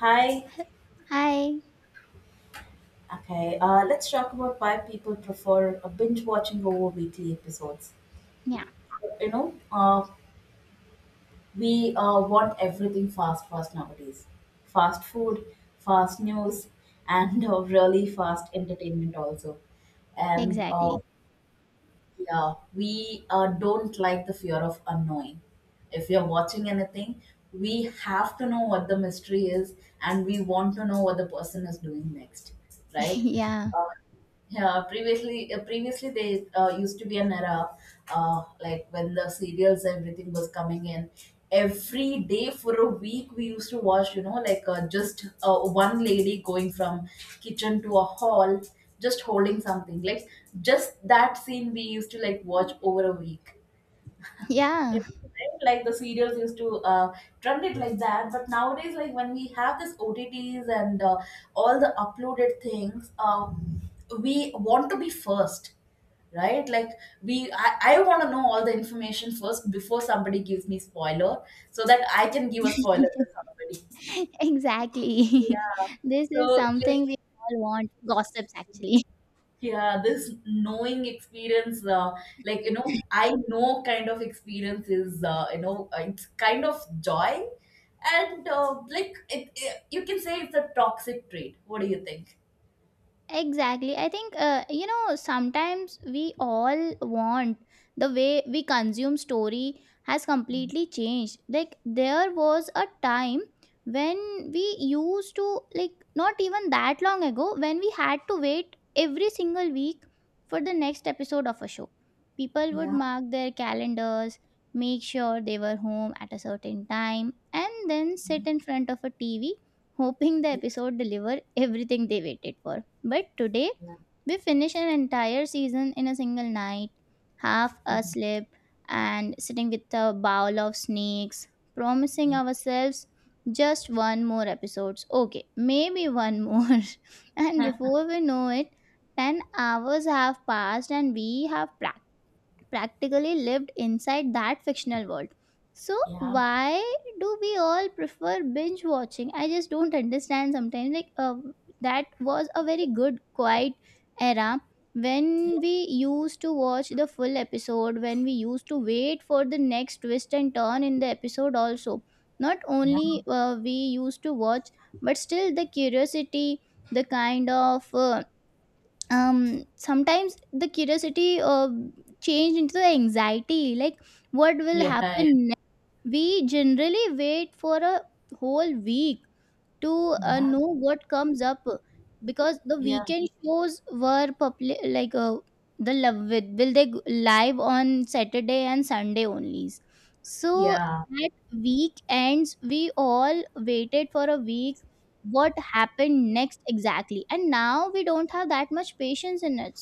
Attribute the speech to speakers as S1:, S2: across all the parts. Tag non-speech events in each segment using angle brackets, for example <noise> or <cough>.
S1: Hi.
S2: Hi.
S1: Okay. Let's talk about why people prefer binge watching over weekly episodes.
S2: Yeah,
S1: You know, uh, we want everything fast, fast nowadays. Fast food, fast news, and really fast entertainment also. And
S2: exactly.
S1: Yeah, we don't like the fear of unknowing. If you're watching anything, we have to know what the mystery is, and we want to know what the person is doing next,
S2: <laughs>
S1: right?
S2: Yeah.
S1: Uh, yeah, previously they used to be an era, like when the serials everything was coming in. Every day for a week, we used to watch, you know, like just one lady going from kitchen to a hall, just holding something, like just that scene we used to like watch over a week you
S2: Yeah,
S1: know, right? Like the serials used to trend it like that. But nowadays, like when we have this OTTs and all the uploaded things, we want to be first, right? Like, I want to know all the information first before somebody gives me spoiler, so that I can give a spoiler to somebody.
S2: <laughs> exactly.
S1: Yeah.
S2: <laughs> This
S1: So,
S2: is
S1: like...
S2: something we all want gossips, actually.
S1: Yeah, this knowing experience, like, I know kind of experience is, it's kind of joy. And, like, you can say it's a toxic trait. What do you think?
S2: Exactly. I think, sometimes we all want the way we consume story has completely changed. Like, there was a time when we used to, like, not even that long ago, when we had to wait every single week for the next episode of a show. People would
S1: Yeah,
S2: mark their calendars, make sure they were home at a certain time, and then sit in front of a TV hoping the episode deliver everything they waited for. But today,
S1: yeah,
S2: we finish an entire season in a single night, half asleep and sitting with a bowl of snakes, promising
S1: yeah,
S2: ourselves just one more episodes. Okay, maybe one more. <laughs> And before we know it, 10 hours have passed and we have practically lived inside that fictional world. So
S1: yeah,
S2: why do we all prefer binge watching? I just don't understand sometimes. Like that was a very good quiet era when we used to watch the full episode, when we used to wait for the next twist and turn in the episode also. Not
S1: yeah,
S2: only we used to watch, but still the curiosity, the kind of sometimes the curiosity changed into the anxiety, like what will
S1: yeah, yeah,
S2: happen next? We generally wait for a whole week to know what comes up because the
S1: yeah,
S2: weekend shows were public, like the love with, will they go live on Saturday and Sunday only. So
S1: yeah.
S2: at weekends we all waited for a week what happened next exactly, and now we don't have that much patience in it.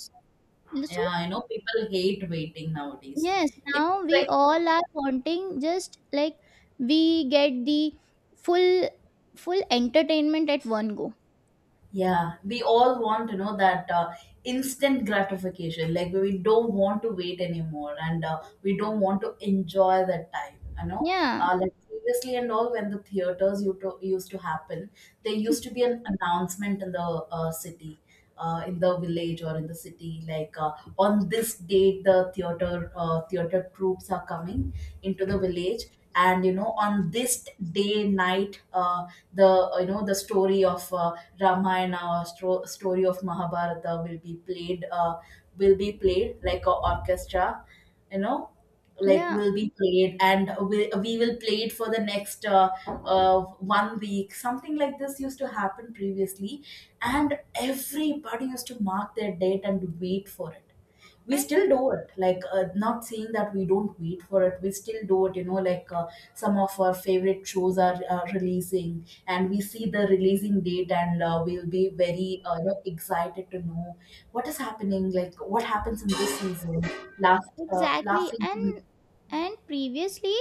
S2: So
S1: Yeah. You know, people hate waiting nowadays.
S2: yes,
S1: It's
S2: now we
S1: like...
S2: all are wanting just like we get the full full entertainment at one go.
S1: Yeah, we all want to know that instant gratification. Like, we don't want to wait anymore, and we don't want to enjoy that time. You know,
S2: Yeah.
S1: like previously and all, when the theaters used to happen, there used to be an announcement in the city, in the village or in the city, like on this date the theater troops are coming into the village. And you know, on this day night, the you know the story of Ramayana or story of Mahabharata will be played like a orchestra, you know, like
S2: Yeah,
S1: will be played. And we will play it for the next one week. Something like this used to happen previously, and everybody used to mark their date and wait for it. We
S2: and
S1: still do it, like, not saying that we don't wait for it. We still do it, you know, like some of our favorite shows are releasing, and we see the releasing date, and we'll be very you know, excited to know what is happening, like what happens in this season, last
S2: exactly,
S1: season.
S2: and previously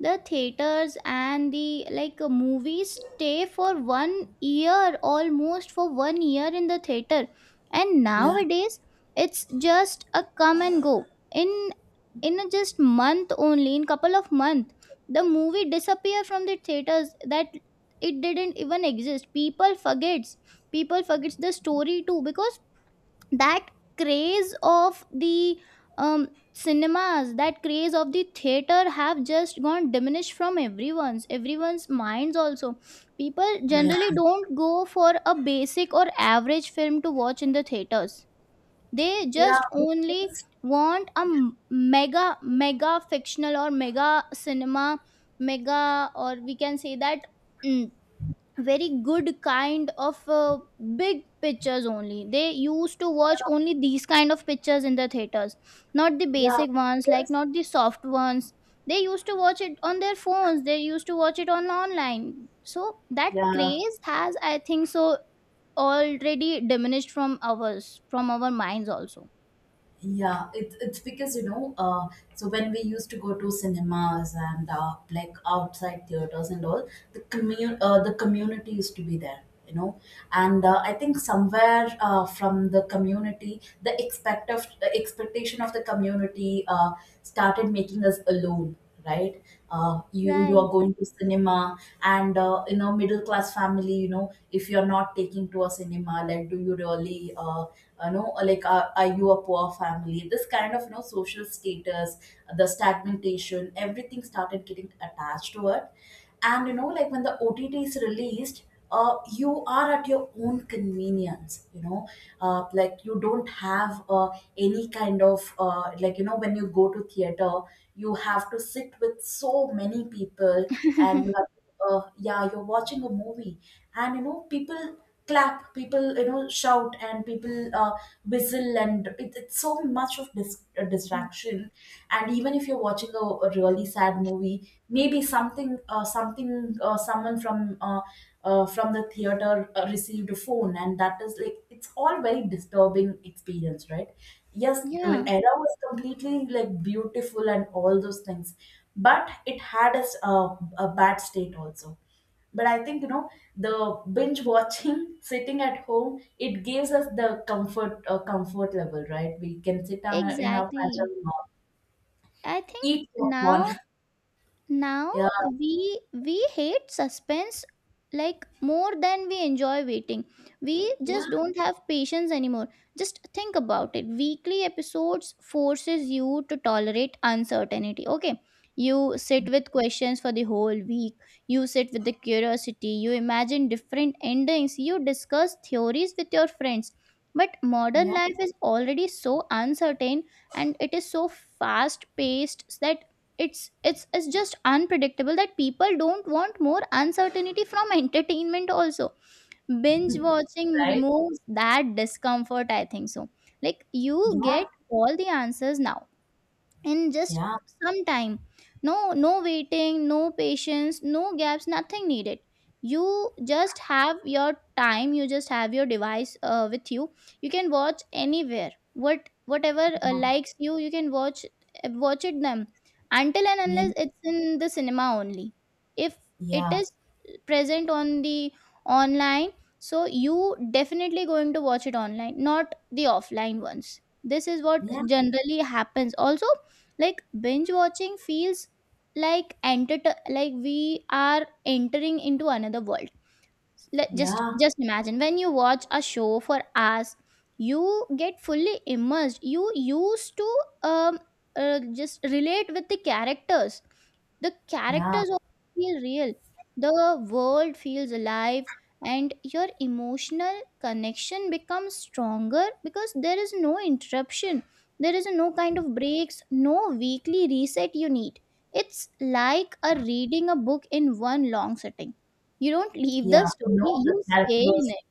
S2: the theaters and the like movies stay for 1 year almost for 1 year in the theater, and
S1: Yeah,
S2: nowadays it's just a come and go in in a just month only in couple of month the movie disappear from the theaters that it didn't even exist. People forgets the story too because that craze of the um, cinemas, that craze of the theater have just gone diminished from everyone's minds also. People
S1: yeah,
S2: generally don't go for a basic or average film to watch in the theaters. They
S1: yeah,
S2: just only
S1: because...
S2: want a mega mega fictional or mega cinema mega, or we can say that mm, very good kind of big pictures only. They used to watch only these kind of pictures in the theaters, not the
S1: Yeah,
S2: basic ones, like
S1: because...
S2: not the soft ones. They used to watch it on their phones, they used to watch it on online, so that
S1: Yeah.
S2: craze has, I think so, already diminished from our minds also.
S1: Yeah, it's because you know, so when we used to go to cinemas and like outside theaters and all, the the community used to be there, you know, and I think somewhere from the community, the expect of the expectation of the community started making us alone, right? You
S2: Right.
S1: are going to cinema, and you know, middle class family, you know, if you are not taking to a cinema, like, do you really you know, like are you a poor family? This kind of you know social status, the stagnation, everything started getting attached to it. And you know, like when the OTT is released, you are at your own convenience, you know. Like, you don't have any kind of like you know, when you go to theater, you have to sit with so many people. And you
S2: <laughs>
S1: have... Yeah, you're watching a movie, and you know people clap, people you know shout, and people whistle, and it's so much of distraction. And even if you're watching a really sad movie, maybe something, someone from the theater received a phone, and that is like, it's all very disturbing experience, right? Yes, the
S2: Yeah,
S1: era was completely like beautiful and all those things, but it had a bad state also. But I think you know, the binge watching <laughs> sitting at home, it gives us the comfort level, right? We can sit on in our
S2: exactly.
S1: pajama,
S2: I think
S1: eat popcorn.
S2: now
S1: <laughs> Yeah,
S2: we hate suspense, like more than we enjoy waiting. We
S1: yeah,
S2: just don't have patience anymore. Just think about it, weekly episodes forces you to tolerate uncertainty. Okay, you sit with questions for the whole week, you sit with the curiosity, you imagine different endings, you discuss theories with your friends. But modern
S1: yeah.
S2: life is already so uncertain, and it is so fast paced that it's just unpredictable, that people don't want more uncertainty from <laughs> entertainment also. Binge watching
S1: Right.
S2: removes that discomfort, I think so. Like you
S1: Yeah,
S2: get all the answers now in just
S1: yeah,
S2: some time. No waiting, no patience, no gaps, nothing needed. You just have your time, you just have your device with you. You can watch anywhere whatever likes you, you can watch watch it them, until and
S1: yeah,
S2: unless it's in the cinema only. If it
S1: yeah,
S2: is present on the online, so you definitely going to watch it online, not the offline ones. This is what
S1: yeah, yeah,
S2: generally happens also. Like binge watching feels like enter like we are entering into another world. Let just
S1: yeah,
S2: just imagine when you watch a show for hours, you get fully immersed. You used to um, just relate with the characters. The
S1: yeah,
S2: characters also feel real, the world feels alive, and your emotional connection becomes stronger because there is no interruption, there is no kind of breaks, no weekly reset you need. It's like a reading a book in one long sitting. You don't leave the
S1: yeah.
S2: story,
S1: know the
S2: you stay
S1: characters
S2: in it.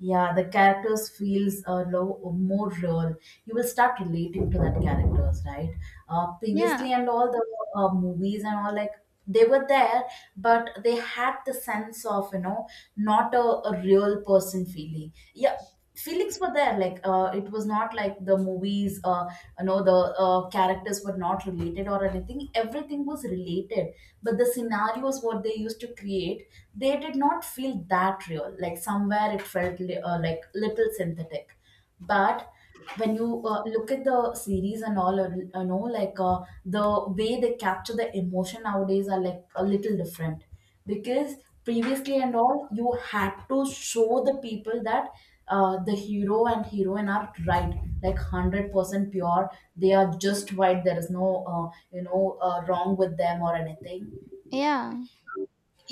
S1: Yeah, the characters feels more real. You will start relating to that characters, right?
S2: Yeah,
S1: Previously and all, the movies and all, like they were there, but they had the sense of you know, not a real person feeling. Yeah, feelings were there, like, it was not like the movies, you know, the characters were not related or anything, everything was related. But the scenarios what they used to create, they did not feel that real, like somewhere it felt like little synthetic. But when you look at the series and all, you know, like the way they capture the emotion nowadays are like a little different. Because previously and all, you had to show the people that, the hero and heroine are right, like 100% pure. They are just right. There is no you know, wrong with them or anything.
S2: yeah.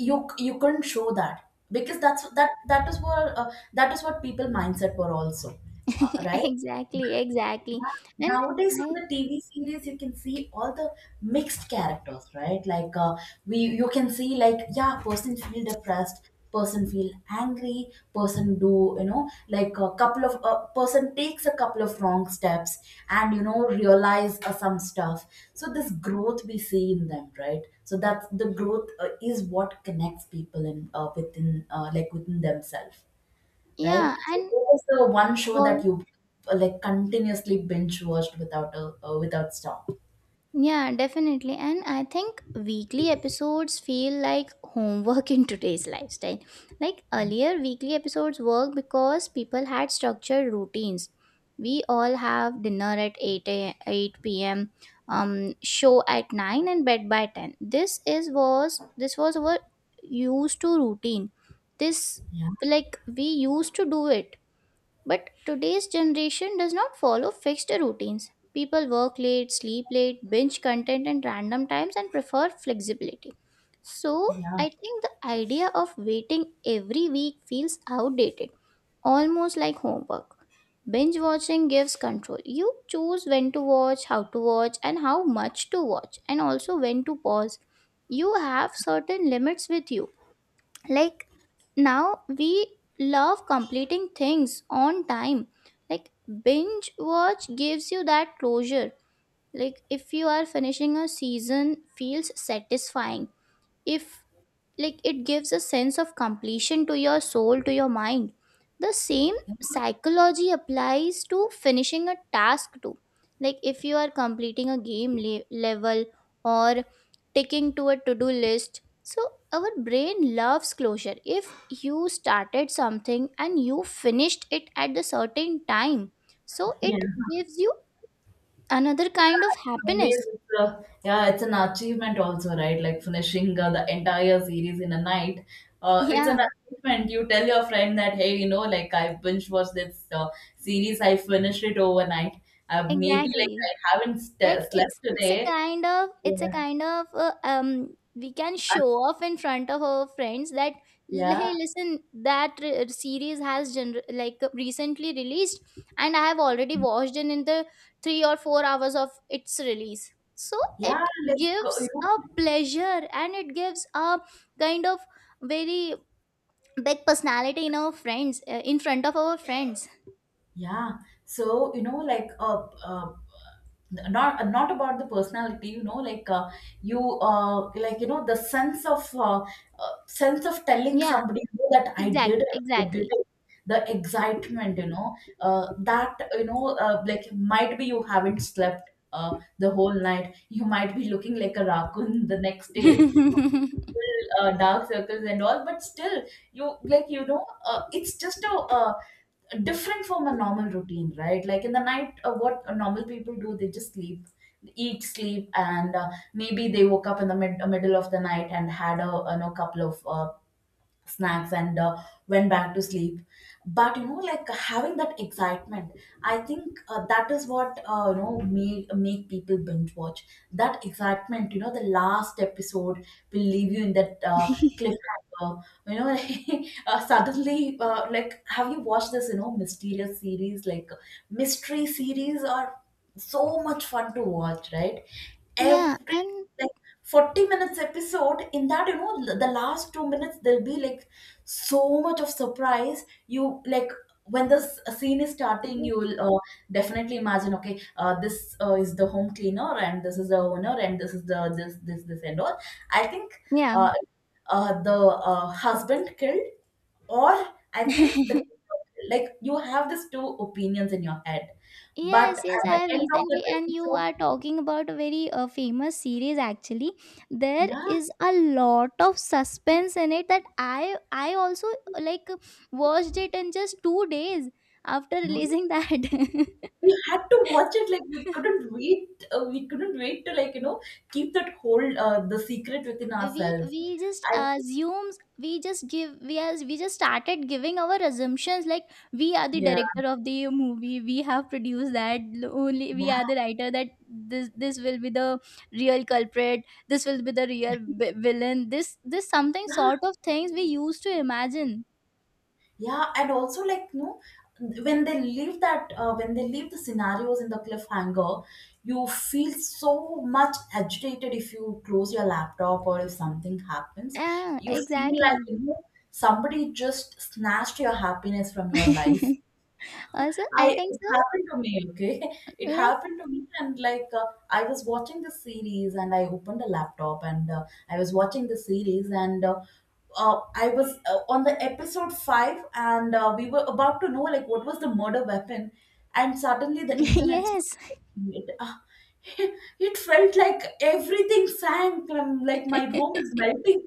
S1: You couldn't show that, because that is what people mindset were also.
S2: <laughs>
S1: Right.
S2: Exactly, exactly. And
S1: Nowadays,
S2: I
S1: on the TV series, you can see all the mixed characters, right? Like, you can see, like, yeah, person feel depressed, person feel angry, person do you know, like a couple of person takes a couple of wrong steps, and you know realize some stuff. So this growth we see in them, right? So that's the growth is what connects people in within like within themselves, right?
S2: yeah,
S1: So
S2: and
S1: what is the one show that
S2: for
S1: you like continuously binge watched without a without stop?
S2: Yeah, definitely. And I think weekly episodes feel like homework <laughs> in today's lifestyle. Like earlier, weekly episodes work because people had structured routines. We all have dinner at 8 p.m., show at 9, and bed by 10. This was our used to routine. This
S1: Yeah,
S2: Like we used to do it, but today's generation does not follow fixed routines. People work late, sleep late, binge content at random times, and prefer flexibility. So,
S1: yeah,
S2: I think the idea of waiting every week feels outdated, almost like homework. Binge watching gives control. You choose when to watch, how to watch, and how much to watch, and also when to pause. You have certain limits with you. Like now we love completing things on time, like binge watch gives you that closure. Like if you are finishing a season feels satisfying, if like it gives a sense of completion to your soul, to your mind. The same
S1: yeah.
S2: psychology applies to finishing a task too, like if you are completing a game level, or ticking to a to-do list, so our brain loves closure. If you started something and you finished it at the certain time, so
S1: Yeah.
S2: it gives you another kind of
S1: Nowadays,
S2: happiness.
S1: yeah, it's an achievement also, right? Like finishing the entire series in a night. It's an
S2: <laughs> Yeah,
S1: achievement. You tell your friend that, hey, you know, like I binge watched this series, I finished it overnight. Maybe, like,
S2: exactly.
S1: I haven't
S2: Like
S1: slept
S2: it's a
S1: today.
S2: kind of it's a
S1: Yeah.
S2: kind of we can
S1: Uh,
S2: show off in front of our friends that,
S1: yeah,
S2: hey listen, that series has like recently released, and I have already watched in the 3 or 4 hours of its release. So
S1: yeah,
S2: it
S1: like you
S2: gives
S1: know...
S2: a pleasure, and it gives a kind of very big personality in our friends in front of our friends.
S1: Yeah. So, you know, like, not about the personality, you know, like, you, like you know, the sense of telling
S2: Yeah,
S1: somebody, "You know that I did
S2: exactly,
S1: it. I did
S2: exactly.
S1: it!" The excitement, you know, that you know, like might be you haven't slept the whole night, you might be looking like a raccoon the next day, full,
S2: <laughs>
S1: dark circles and all, but still you, like, you know, it's just a different from a normal routine, right? Like in the night, what normal people do, they just sleep, eat, sleep, and maybe they woke up in the middle of the night and had you know, couple of snacks, and went back to sleep. But you know, like having that excitement, I think that is what, you know, make, make people binge watch. That excitement, you know, the last episode will leave you in that cliffhanger, you know. <laughs> Suddenly Like, have you watched this, you know, mysterious series? Like, mystery series are so much fun to watch, right?
S2: Yeah,
S1: Every
S2: and
S1: 40 minutes episode, in that you know, the last 2 minutes, there'll be like so much of surprise. You, like... when this scene is starting, you'll definitely imagine, okay, this is the home cleaner, and this is the owner, and this is the this and all. I think,
S2: yeah.
S1: uh, the husband killed, or I think the...
S2: <laughs>
S1: like you have these two opinions in your head. But
S2: Yes, yes,
S1: at the
S2: I have
S1: end of the
S2: recently, and you
S1: episode...
S2: are talking about a very famous series actually. There
S1: Yeah.
S2: is a lot of suspense in it that I also, like, watched it in just 2 days after
S1: Yeah.
S2: releasing that. <laughs>
S1: We had to watch it, like we couldn't wait. We couldn't wait to, like you know, keep that whole the secret within
S2: we
S1: ourselves.
S2: we just
S1: I think...
S2: assumes, we just give we as we just started giving our assumptions, like we are the
S1: Yeah,
S2: director of the movie, we have produced that, only
S1: yeah,
S2: we are the writer, that this will be the real culprit, this will be the real villain, this something
S1: yeah,
S2: sort of things we used to imagine.
S1: yeah. And also, like you know, when they leave the scenarios in the cliffhanger, you feel so much agitated if you close your laptop or if something happens.
S2: Yeah,
S1: You feel like
S2: exactly.
S1: you know, somebody just snatched your happiness from your life.
S2: <laughs> Also, I
S1: I
S2: think
S1: It
S2: so.
S1: happened to me, okay? <laughs> It
S2: Like,
S1: happened to me, and like, I was watching the series, and I opened a laptop, and I was watching the series, and uh, I was on the episode five, and we were about to know like what was the murder weapon, and suddenly the
S2: <laughs>
S1: internet's not
S2: yes.
S1: working. It, <laughs> it felt like everything sank. Like my room is melting.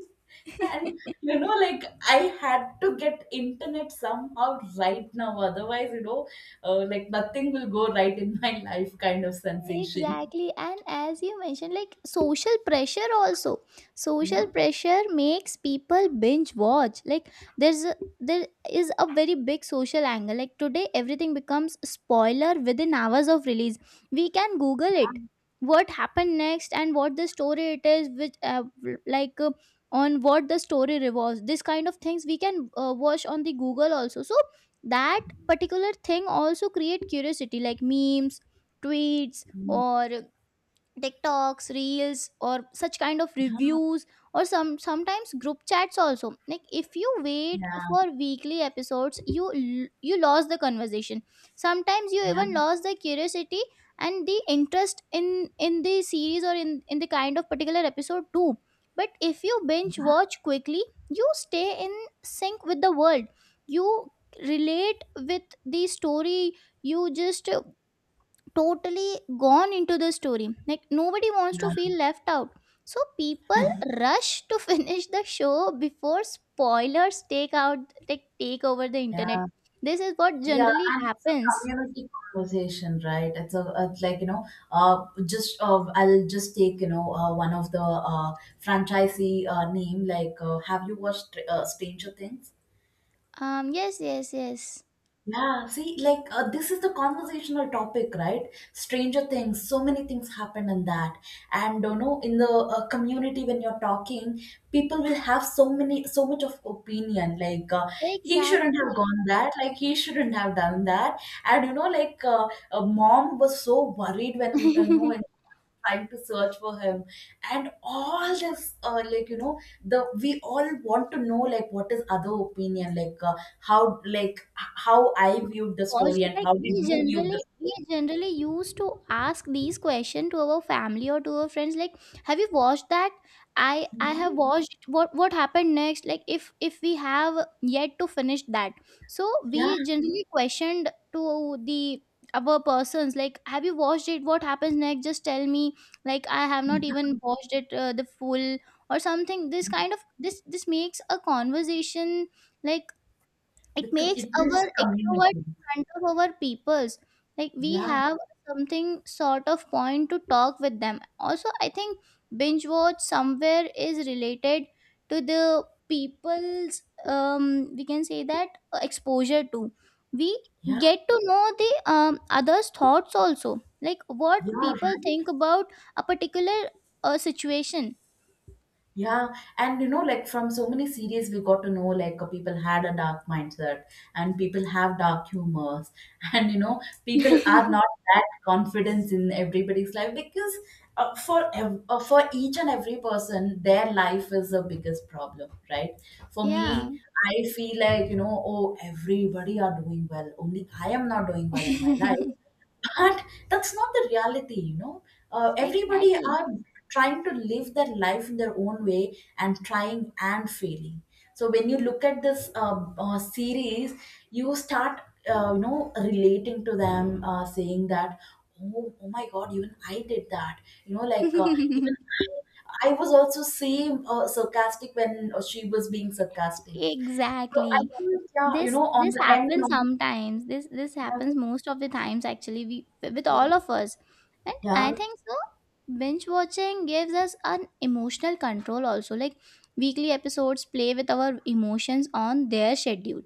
S1: And
S2: <laughs>
S1: you know, like I had to get internet somehow right now. Otherwise, like nothing will go right in my <laughs> life kind of sensation.
S2: Exactly. And as you mentioned, like social pressure also. Social
S1: Yeah.
S2: pressure makes people binge watch. Like there is a very big social angle. Like today everything becomes spoiler within hours of release. We can Google it. What happened next and what the story it is, which like on what the story revolves. This kind of things we can watch on the Google also. So that particular thing also create curiosity, like memes, tweets,
S1: Mm.
S2: or TikToks, Reels, or such kind of
S1: Yeah.
S2: reviews, or sometimes group chats also. Like if you wait
S1: Yeah.
S2: for weekly episodes, you lost the conversation. Sometimes you
S1: Yeah.
S2: even lost the curiosity and the interest in the series, or in the kind of particular episode too. But if you binge watch quickly, you stay in sync with the world. You relate with the story. You just totally gone into the story. Like nobody wants to feel left out. So people
S1: Yeah. <laughs>
S2: rush to <laughs> finish the show before spoilers take out like take over the internet.
S1: Yeah.
S2: This is what
S1: Yeah,
S2: generally
S1: and it's a
S2: happens.
S1: community conversation, right? It's a like you know, just I'll just take one of the franchisee name. Like, have you watched Stranger Things?
S2: Yes, yes, yes.
S1: Yeah, see, like this is the conversational topic, right? Stranger Things, so many things happen in that, and you know, in the community when you're talking, people will have so many, so much of opinion. Like he shouldn't have
S2: Exactly.
S1: gone that, like he shouldn't have done that, and you know, like mom was so worried when you know
S2: <laughs>
S1: trying to search for him and all this like you know the we all want to know like what is other opinion like how like how I viewed the
S2: Because
S1: story and
S2: like
S1: how did
S2: we
S1: you view the
S2: generally we
S1: story.
S2: generally used to ask these questions to our family or to our friends, like, have you watched that, I
S1: Yeah.
S2: have watched, what happened next, like if we have yet to finish that. So we generally questioned to the our persons, like, have you watched it, what happens next, just tell me, like, I have not
S1: Yeah.
S2: even watched it the full, or something. This kind of, this makes a conversation. Like it makes
S1: It
S2: our
S1: builds a
S2: extrovert
S1: community.
S2: in front of our peoples, like we
S1: Yeah.
S2: have something sort of point to talk with them also. I think binge watch somewhere is related to the people's, um we can say that, exposure to we
S1: Yeah.
S2: get to know the others thoughts also, like what
S1: Yeah, right.
S2: people think about a particular situation.
S1: Yeah, and you know, like from so many series, we got to know like people had a dark mindset and people have dark humors, <laughs> and you know, people are
S2: <laughs>
S1: not that confidence in everybody's life because for each and every person, their life is the biggest problem, right? For
S2: Yeah.
S1: me, I feel like you know, oh, everybody are doing well, only I am not doing well in my life,
S2: <laughs>
S1: but that's not the reality, you know. Everybody
S2: Exactly.
S1: are trying to live their life in their own way and trying and failing. So when you look at this series, you start, you know, relating to them, saying that, oh, oh my God, even I did that. You know, like even
S2: <laughs>
S1: I was also same sarcastic when she was being sarcastic. So I
S2: Exactly,
S1: think, yeah, you
S2: this
S1: know, on
S2: this
S1: the end,
S2: happens sometimes, this happens most of the times actually, we with all of us. And
S1: yeah,
S2: I think so, binge watching gives us an emotional control also. Like weekly episodes play with our emotions on their schedule,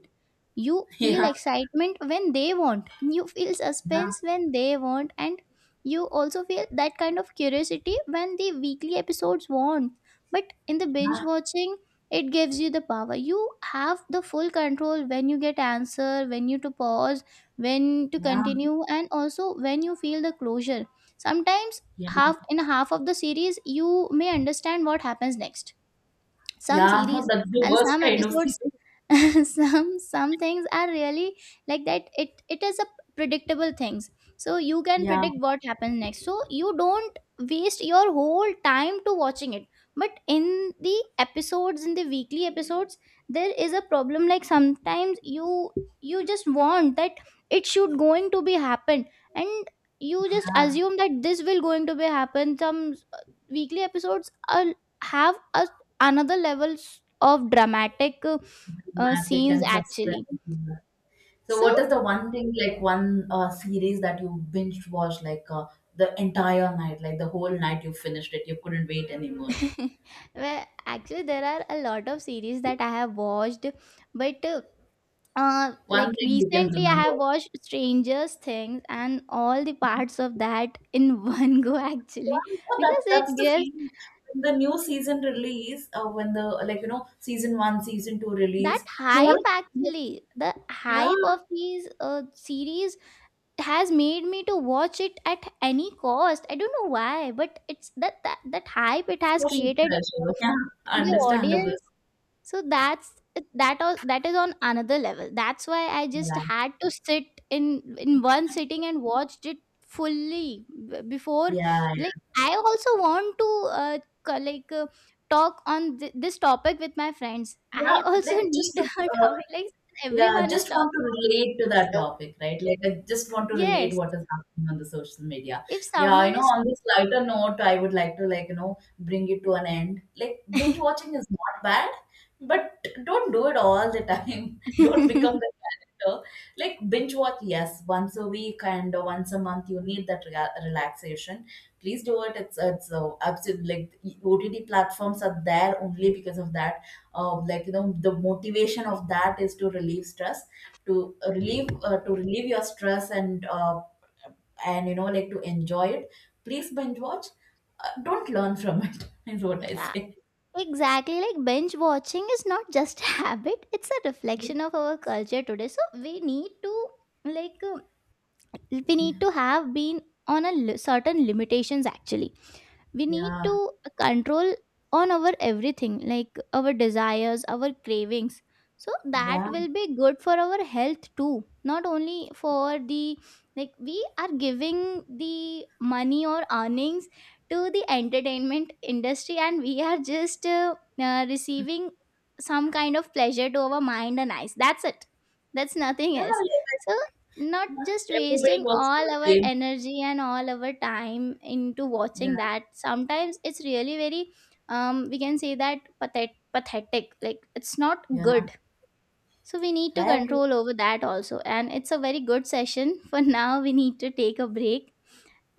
S2: you feel
S1: yeah. <laughs>
S2: excitement when they want, you feel
S1: Yeah,
S2: suspense when they want, and you also feel that kind of curiosity when the weekly episodes want. But in the binge
S1: yeah,
S2: watching, it gives you the power, you have the full control, when you get answer, when you to pause, when to
S1: yeah,
S2: continue, and also when you feel the closure. Sometimes half of the series you may understand what happens next, some
S1: yeah. No,
S2: series
S1: that's the
S2: and
S1: worst
S2: some
S1: kind of series.
S2: episodes. <laughs> Some things are really like that, it is a predictable things, so you can
S1: Yeah,
S2: predict what happens next, so you don't waste your whole time to watching it. But in the weekly episodes there is a problem, like sometimes you just want that it should going to be happen, and you just
S1: yeah.
S2: assume that this will going to be happen. Some weekly episodes are have a another levels of dramatic
S1: Dramatic
S2: scenes
S1: and
S2: actually.
S1: suspense. So,
S2: So,
S1: what is the one thing, like one series that you binge watched, like the entire night, like the whole night you finished it, you couldn't wait anymore?
S2: <laughs> well, actually, there are a lot of series that I have watched, but
S1: One
S2: like
S1: thing you can
S2: recently, I
S1: remember.
S2: have watched Strangers Things and all the parts of that in <laughs> one go actually,
S1: Yeah, no, that
S2: because it
S1: that's the
S2: gives
S1: feeling. When the new season release, when the like you know season one, season two
S2: that
S1: release, you want
S2: hype
S1: to,
S2: actually, the
S1: yeah,
S2: hype of these series has made me to watch it at any cost, I don't know why, but it's that hype it has
S1: social
S2: created
S1: pressure, yeah,
S2: in the
S1: understandable.
S2: audience. So that is on another level, that's why I just
S1: Yeah.
S2: had to sit in one sitting and watched it fully before,
S1: Yeah, yeah.
S2: like I also want to like talk on this topic with my friends,
S1: Yeah,
S2: I also <laughs>
S1: like
S2: need
S1: just to,
S2: a topic like
S1: yeah,
S2: everyone is
S1: just want to
S2: talking about.
S1: relate to that
S2: So
S1: topic, right? Like I just want to relate
S2: yes,
S1: what is happening on the social media.
S2: if
S1: Yeah, you
S2: someone
S1: know,
S2: is
S1: on this lighter note, I would like to like, you know, bring it to an end. Like binge
S2: <laughs>
S1: watching is not bad, but don't do it all the time. <laughs> Don't become the
S2: <laughs>
S1: So, like binge watch, yes, once a week and once a month, you need that relaxation. Please do it. It's absolutely like OTT platforms are there only because of that. Like you know, the motivation of that is to relieve stress, to relieve your stress and and you know like to enjoy it. Please binge watch. Don't learn from it. <laughs> Is what I
S2: Uh,
S1: say.
S2: exactly, like binge watching is not just <laughs> a habit, it's a reflection of our culture today, so we need to, like we need to have been on a certain limitations actually. We need
S1: Yeah,
S2: to control on our everything, like our desires, our cravings, so that
S1: yeah,
S2: will be good for our health too, not only for the, like we are giving the money or earnings to the entertainment industry, and we are just receiving some kind of pleasure to our mind and eyes, that's it, that's nothing
S1: yeah.
S2: else. So not
S1: Like,
S2: just
S1: everybody
S2: wasting
S1: works for
S2: all
S1: the
S2: our
S1: same.
S2: energy and all our time into
S1: Yeah,
S2: watching that, sometimes it's really very, we can say that, pathetic, like it's not
S1: yeah.
S2: good. So we need to
S1: Kaya,
S2: control over that also. And it's a very good session. <laughs> For now we need to take a break.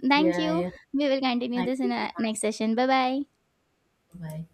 S2: Thank
S1: yeah,
S2: you,
S1: yeah.
S2: we will continue
S1: Ai,
S2: this
S1: que
S2: in a
S1: massa,
S2: next session. Bye bye.
S1: vai.